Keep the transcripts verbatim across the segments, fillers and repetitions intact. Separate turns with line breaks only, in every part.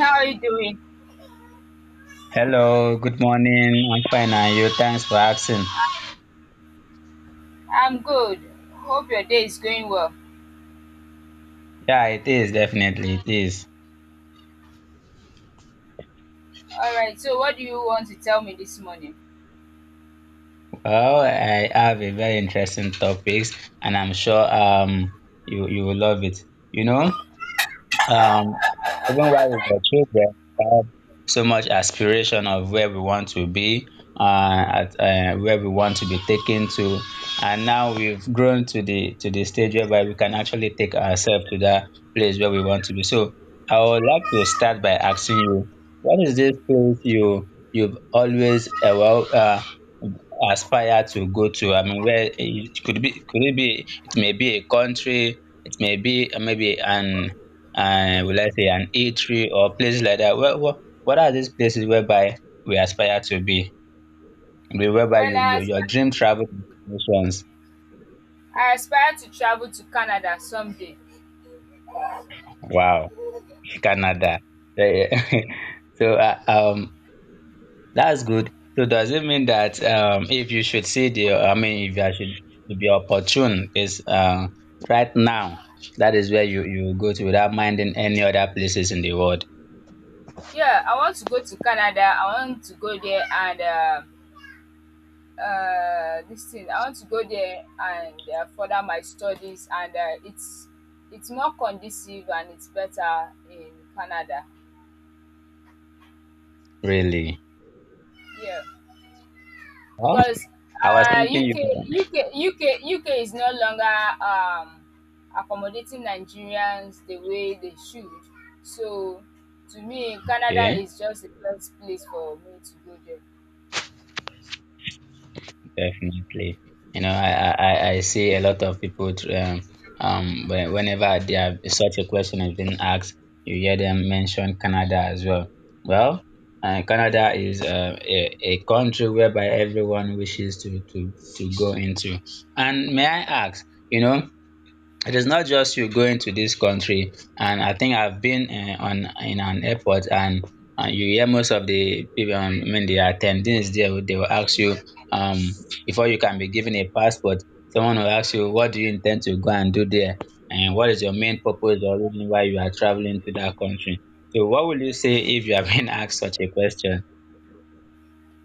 How are you doing?
Hello, good morning. I'm fine, and you? Thanks for asking.
I'm good. Hope your day is going well.
Yeah, it is definitely it is.
All right, so what do you want to tell me this morning?
Well, I have a very interesting topics, and I'm sure um you you will love it. You know, Um, Even while we were children, we had so much aspiration of where we want to be, uh, at, uh, where we want to be taken to, and now we've grown to the to the stage whereby we can actually take ourselves to that place where we want to be. So I would like to start by asking you, what is this place you you've always uh, well uh, aspire to go to? I mean, where it could be could it be? It may be a country. It may be uh, maybe an and will I say an e three or places like that. What, what, what are these places whereby we aspire to be? Where- Whereby
Well,
you,
I
you, your
aspire,
dream travel destinations.
I aspire to travel to Canada someday.
Wow, Canada. Eh, so uh, um, that's good. So does it mean that um, if you should see the, I mean, if you should to be opportune, is uh, right now, that is where you, you go to without minding any other places in the world,
Yeah, I want to go to Canada. I want to go there and uh, uh, this thing. I want to go there and uh, further my studies, and uh, it's it's more conducive and it's better in Canada.
really.
Yeah.
Well,
because
I was
uh,
thinking
UK
you.
UK UK UK is no longer um, accommodating Nigerians the way they should. So to me, Canada
Okay.
is just the best place for me to go there.
Definitely. You know, I, I, I I see a lot of people, tr- um, um, when- whenever they have such a question has been asked, you hear them mention Canada as well. Well, uh, Canada is uh, a, a country whereby everyone wishes to, to, to go into. And may I ask, you know, it is not just you going to this country, and I think I've been uh, on in an airport, and uh, you hear most of the people um, I mean the attendees there will- they will ask you um before you can be given a passport, someone will ask you, what do you intend to go and do there, and what is your main purpose or reason why you are traveling to that country? So what will you say if you have been asked such a question?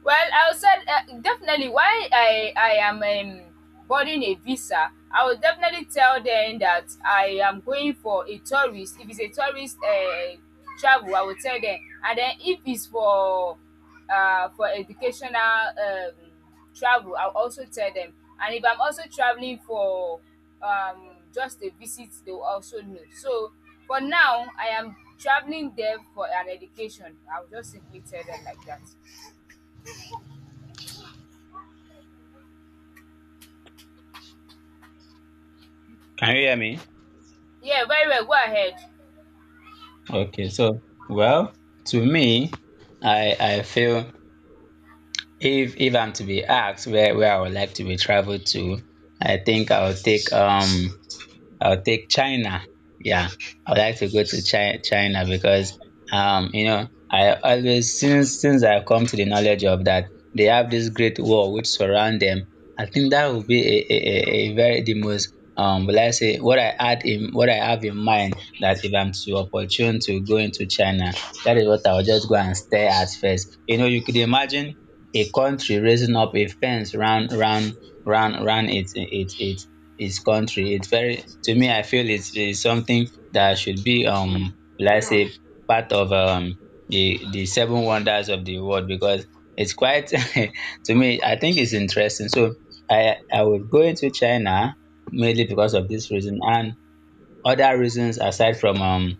Well, I would said uh, definitely why I I am um, boarding a visa. I will definitely tell them that I am going for a tourist. If it's a tourist uh, travel, I will tell them. And then if it's for uh, for educational um, travel, I'll also tell them. And if I'm also traveling for um, just a visit, they will also know. So for now, I am traveling there for an education. I'll just simply tell them like that.
Can you hear me?
Yeah, very well. Go ahead.
Okay, so well, to me, i i feel. If if I'm to be asked where where I would like to be traveled to, I think I'll take um I'll take China. Yeah, I would like to go to China, China because um, you know, I always since since I've come to the knowledge of that, they have this great wall which surround them. I think that would be a, a, a a very the most um will I say what I had in what I have in mind that if I'm to opportune to go into China, that is what I'll just go and stare at first. You know, you could imagine a country raising up a fence round round round round its its its his country. It's very, to me I feel it's, it's something that should be um let's say part of um the the seven wonders of the world, because it's quite to me I think it's interesting. So I I would go into China mainly because of this reason and other reasons aside from um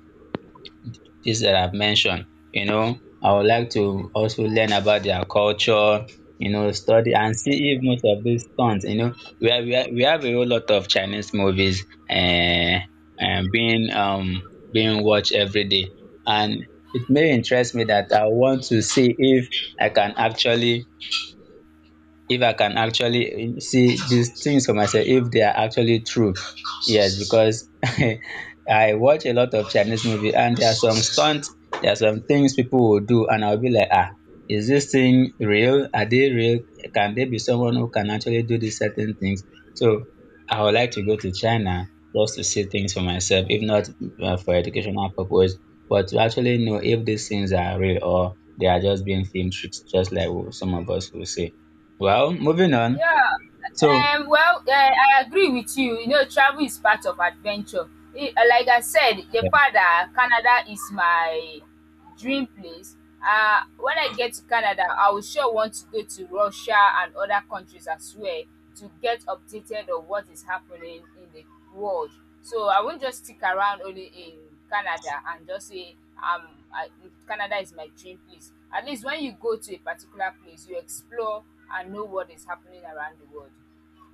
things that I've mentioned. You know, I would like to also learn about their culture, you know, study and see if most of these stunts, you know, we have, we have, we have a whole lot of Chinese movies uh, and being um being watched every day. And it may interest me that I want to see if I can actually if I can actually see these things for myself, if they are actually true. Yes, because I watch a lot of Chinese movie, and there are some stunts, there are some things people will do and I'll be like, ah, is this thing real? Are they real? Can they be someone who can actually do these certain things? So I would like to go to China just to see things for myself, if not uh, for educational purpose, but to actually know if these things are real or they are just being film tricks, just like some of us will say. Well, moving on. So,
Yeah. Um, well, uh, I agree with you. You know, travel is part of adventure. It, uh, like I said, the father, Canada is my dream place. Uh, when I get to Canada, I will sure want to go to Russia and other countries as well, to get updated on what is happening in the world. So I won't just stick around only in Canada and just say um I, Canada is my dream place. At least when you go to a particular place, you explore and know what is happening around the world,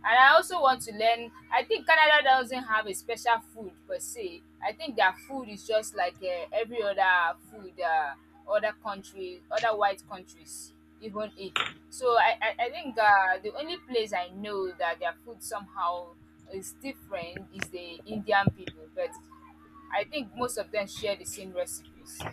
and I also want to learn. I think Canada doesn't have a special food per se. I think their food is just like uh, every other food, uh, other countries, other white countries even eat. So I, I, I think uh, the only place I know that their food somehow is different is the Indian people, but I think most of them share the same recipes.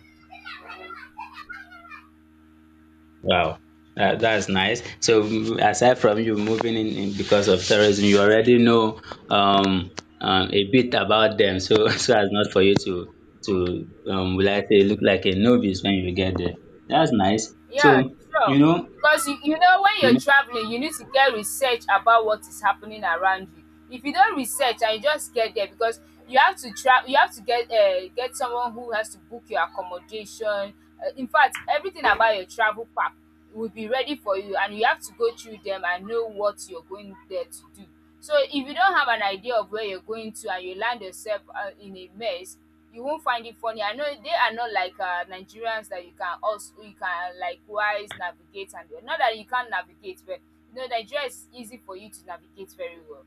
wow, uh, that's nice. So, mm, aside from you moving in, in because of terrorism, you already know um, um, a bit about them. So, so as not for you to to um, will I say look like a novice when you get there. That's nice.
Yeah,
So,
sure.
you know,
Because you, you know when
you
you're
know,
traveling, you need to get research about what is happening around you. If you don't research and you just get there, because you have to tra- you have to get uh, get someone who has to book your accommodation. Uh, in fact, everything about your travel pack will be ready for you and you have to go through them and know what you're going there to do. So if you don't have an idea of where you're going to and you land yourself uh, in a mess, you won't find it funny. I know they are not like uh, Nigerians that you can also you can likewise navigate, and not that you can't navigate, but you know Nigeria is easy for you to navigate very well.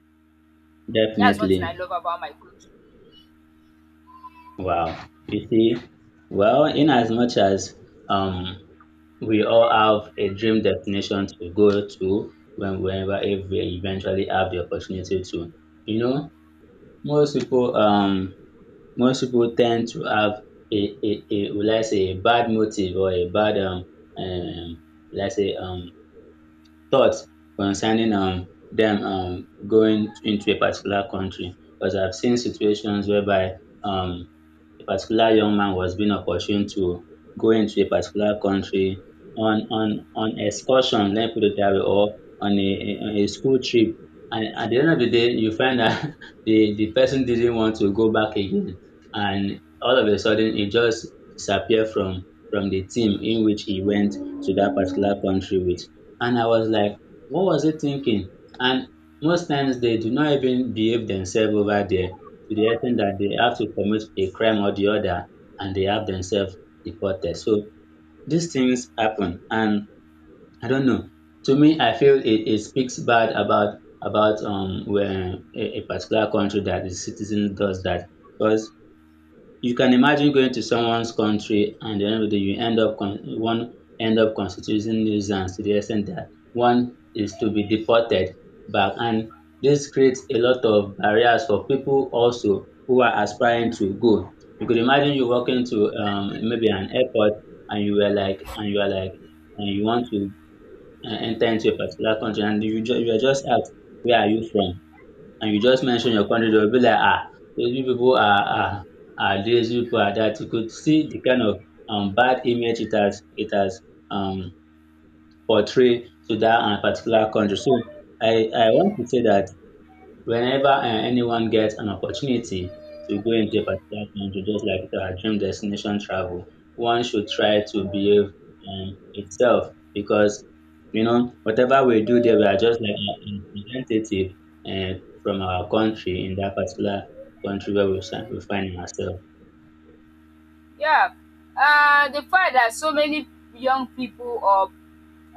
That's one thing I
definitely.
love about my country.
Wow. You see, well, in as much as um we all have a dream destination to go to when whenever if we eventually have the opportunity to. You know, most people um most people tend to have a a a will I say a bad motive or a bad um um will I say um thoughts concerning um them um going into a particular country, because I've seen situations whereby um a particular young man was being opportune to go into a particular country on on on excursion, let me put it that way, or on a, a, on a school trip. And at the end of the day, you find that the, the person didn't want to go back again. And all of a sudden, he just disappeared from, from the team in which he went to that particular country with. And I was like, what was he thinking? And most times they do not even behave themselves over there, to the extent that they have to commit a crime or the other and they have themselves deported. So these things happen, and I don't know. To me I feel it, it speaks bad about about um when a, a particular country that the citizen does that. Because you can imagine going to someone's country, and at the end of the day you end up con- one end up constituting nuisance to the extent that one is to be deported back, and this creates a lot of barriers for people also who are aspiring to go. You could imagine you walking to um maybe an airport, and you were like and you are like and you want to uh, enter into a particular country, and you ju- you are just asked, where are you from? And you just mention your country, they will be like, ah, those you people are, are, are this, you people are that. You could see the kind of um, bad image it has, it has um, portrayed to that um, particular country. So I, I want to say that whenever uh, anyone gets an opportunity to go into a particular country, just like our dream destination travel, one should try to behave um, itself, because you know whatever we do there, we are just like a representative uh, from our country in that particular country where we, si- we find ourselves.
Yeah, uh, the fact that so many young people or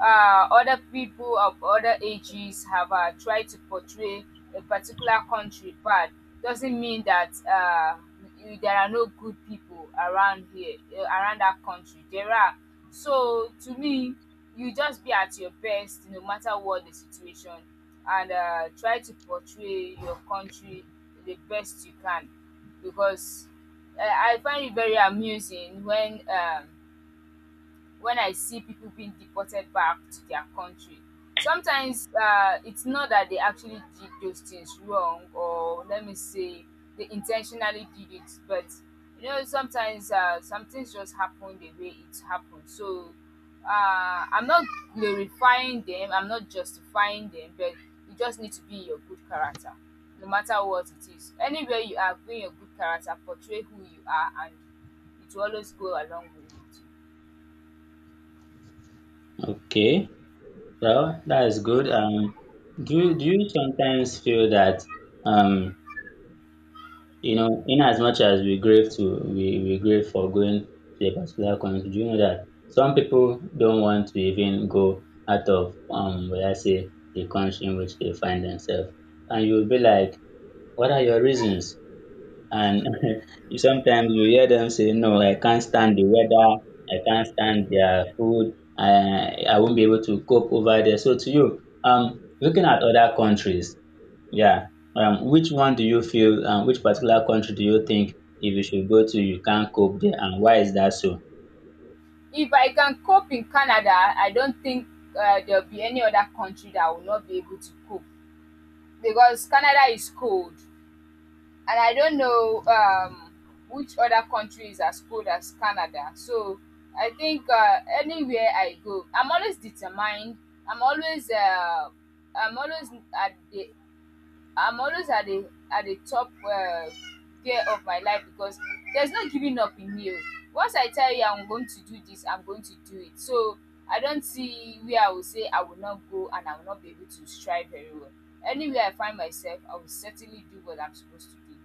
uh, other people of other ages have uh, tried to portray a particular country bad doesn't mean that uh, y- there are no good people around here uh, around that country, there are. So to me, you just be at your best no matter what the situation, and uh, try to portray your country the best you can, because uh, I find it very amusing when um, when I see people being deported back to their country. Sometimes uh, it's not that they actually did those things wrong, or let me say they intentionally did it, but you know sometimes uh, some things just happen the way it happened. So uh, I'm not glorifying them, I'm not justifying them, but you just need to be your good character, no matter what it is. Anywhere you are, bring your good character, portray who you are, and it will always go along with you.
Okay, well that is good. Um, do you- do you sometimes feel that um you know, in as much as we grieve to we, we grieve for going to a particular country, do you know that some people don't want to even go out of um where I say the country in which they find themselves. And you'll be like, what are your reasons? And you- sometimes you hear them say, no, I can't stand the weather, I can't stand their food, I I won't be able to cope over there. So to you, um looking at other countries, yeah. Um, which one do you feel, um, which particular country do you think if you should go to, you can't cope there, and why is that so?
If I can cope in Canada, I don't think uh, there'll be any other country that will not be able to cope, because Canada is cold and I don't know um, which other country is as cold as Canada. So I think uh, anywhere I go, I'm always determined. I'm always uh, I'm always at the I'm always at the at the top uh, gear of my life, because there's no giving up in me. Oh. Once I tell you I'm going to do this, I'm going to do it. So I don't see where I will say I will not go and I will not be able to strive very well. Anywhere I find myself, I will certainly do what I'm supposed to do.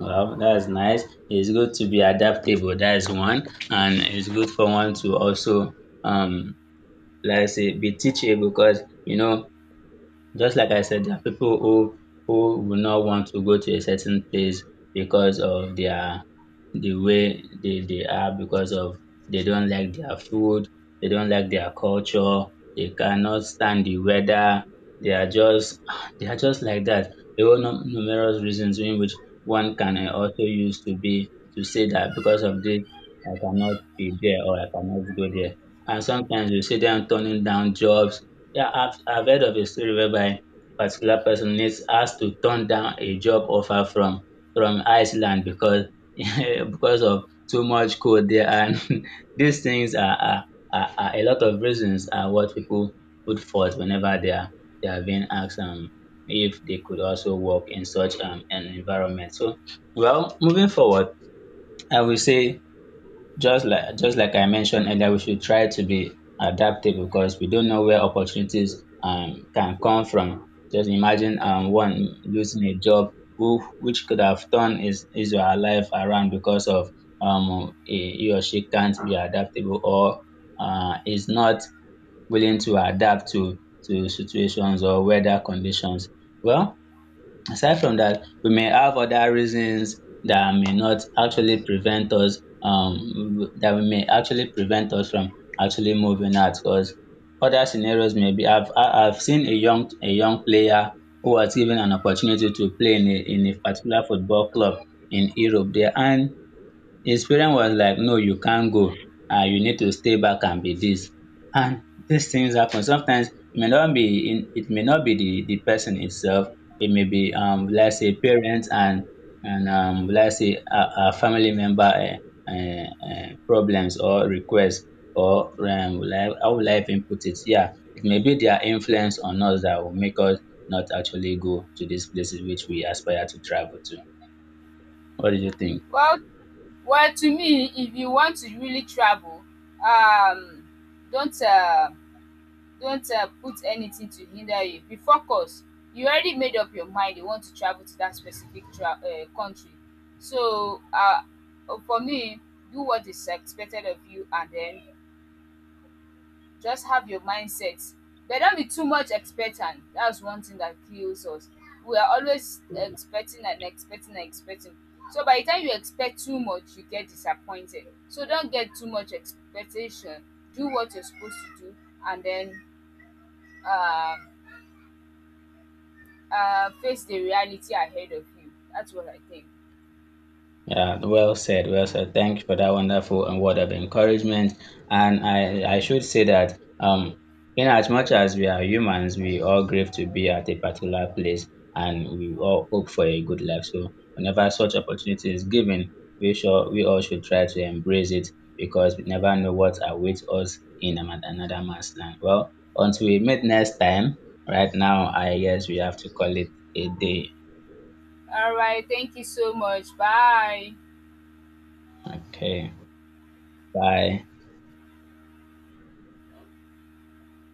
Well, that's nice. It's good to be adaptable. That is one, and it's good for one to also, um, let's say, be teachable, because you know, just like I said, there are people who who will not want to go to a certain place because of their the way they, they are, because of they don't like their food, they don't like their culture, they cannot stand the weather. They are just they are just like that. There are num- numerous reasons in which one can uh, also use to be to say that because of this I cannot be there or I cannot go there. And sometimes you see them turning down jobs. Yeah, I've I've heard of a story whereby a particular person needs has to turn down a job offer from from Iceland, because because of too much cold there, and these things are are, are are a lot of reasons are what people put forth whenever they are they are being asked um if they could also work in such um an environment. So well, moving forward, I will say just like just like I mentioned earlier, we should try to be adaptable because we don't know where opportunities um can come from. Just imagine um one losing a job who which could have turned his his or her life around because of um he, he or she can't be adaptable or uh is not willing to adapt to to situations or weather conditions. Well, aside from that, we may have other reasons that may not actually prevent us um that we may actually prevent us from actually moving out, because other scenarios may be I've I- I've seen a young a young player who was given an opportunity to play in a in a particular football club in Europe there, and his parent was like, no, you can't go. Uh, you need to stay back and be this. And these things happen. Sometimes it may not be in, it may not be the, the person itself. It may be um let's say parents and and um let's say a, a family member uh, uh, uh, problems or requests or um like how will I even put it? Yeah, it may be their influence on us that will make us not actually go to these places which we aspire to travel to. What do you think?
Well, well, to me, if you want to really travel, um, don't. Uh, Don't uh, put anything to hinder you. Be focused. You already made up your mind you want to travel to that specific tra- uh, country. So, uh, for me, do what is expected of you, and then just have your mindset. But don't be too much expectant. That's one thing that kills us. We are always expecting and expecting and expecting. So, by the time you expect too much, you get disappointed. So, don't get too much expectation. Do what you're supposed to do and then. Um, uh, Face the reality ahead of you. That's what I think.
Yeah, well said, well said. Thank you for that wonderful and word of encouragement. And I, I should say that um, in as much as we are humans, we all crave to be at a particular place, and we all hope for a good life. So whenever such opportunity is given, we sure we all should try to embrace it, because we never know what awaits us in ama- another man's land. Well, until we meet next time, right now I guess we have to call it a day.
All right. Thank you so much. Bye.
Okay. Bye.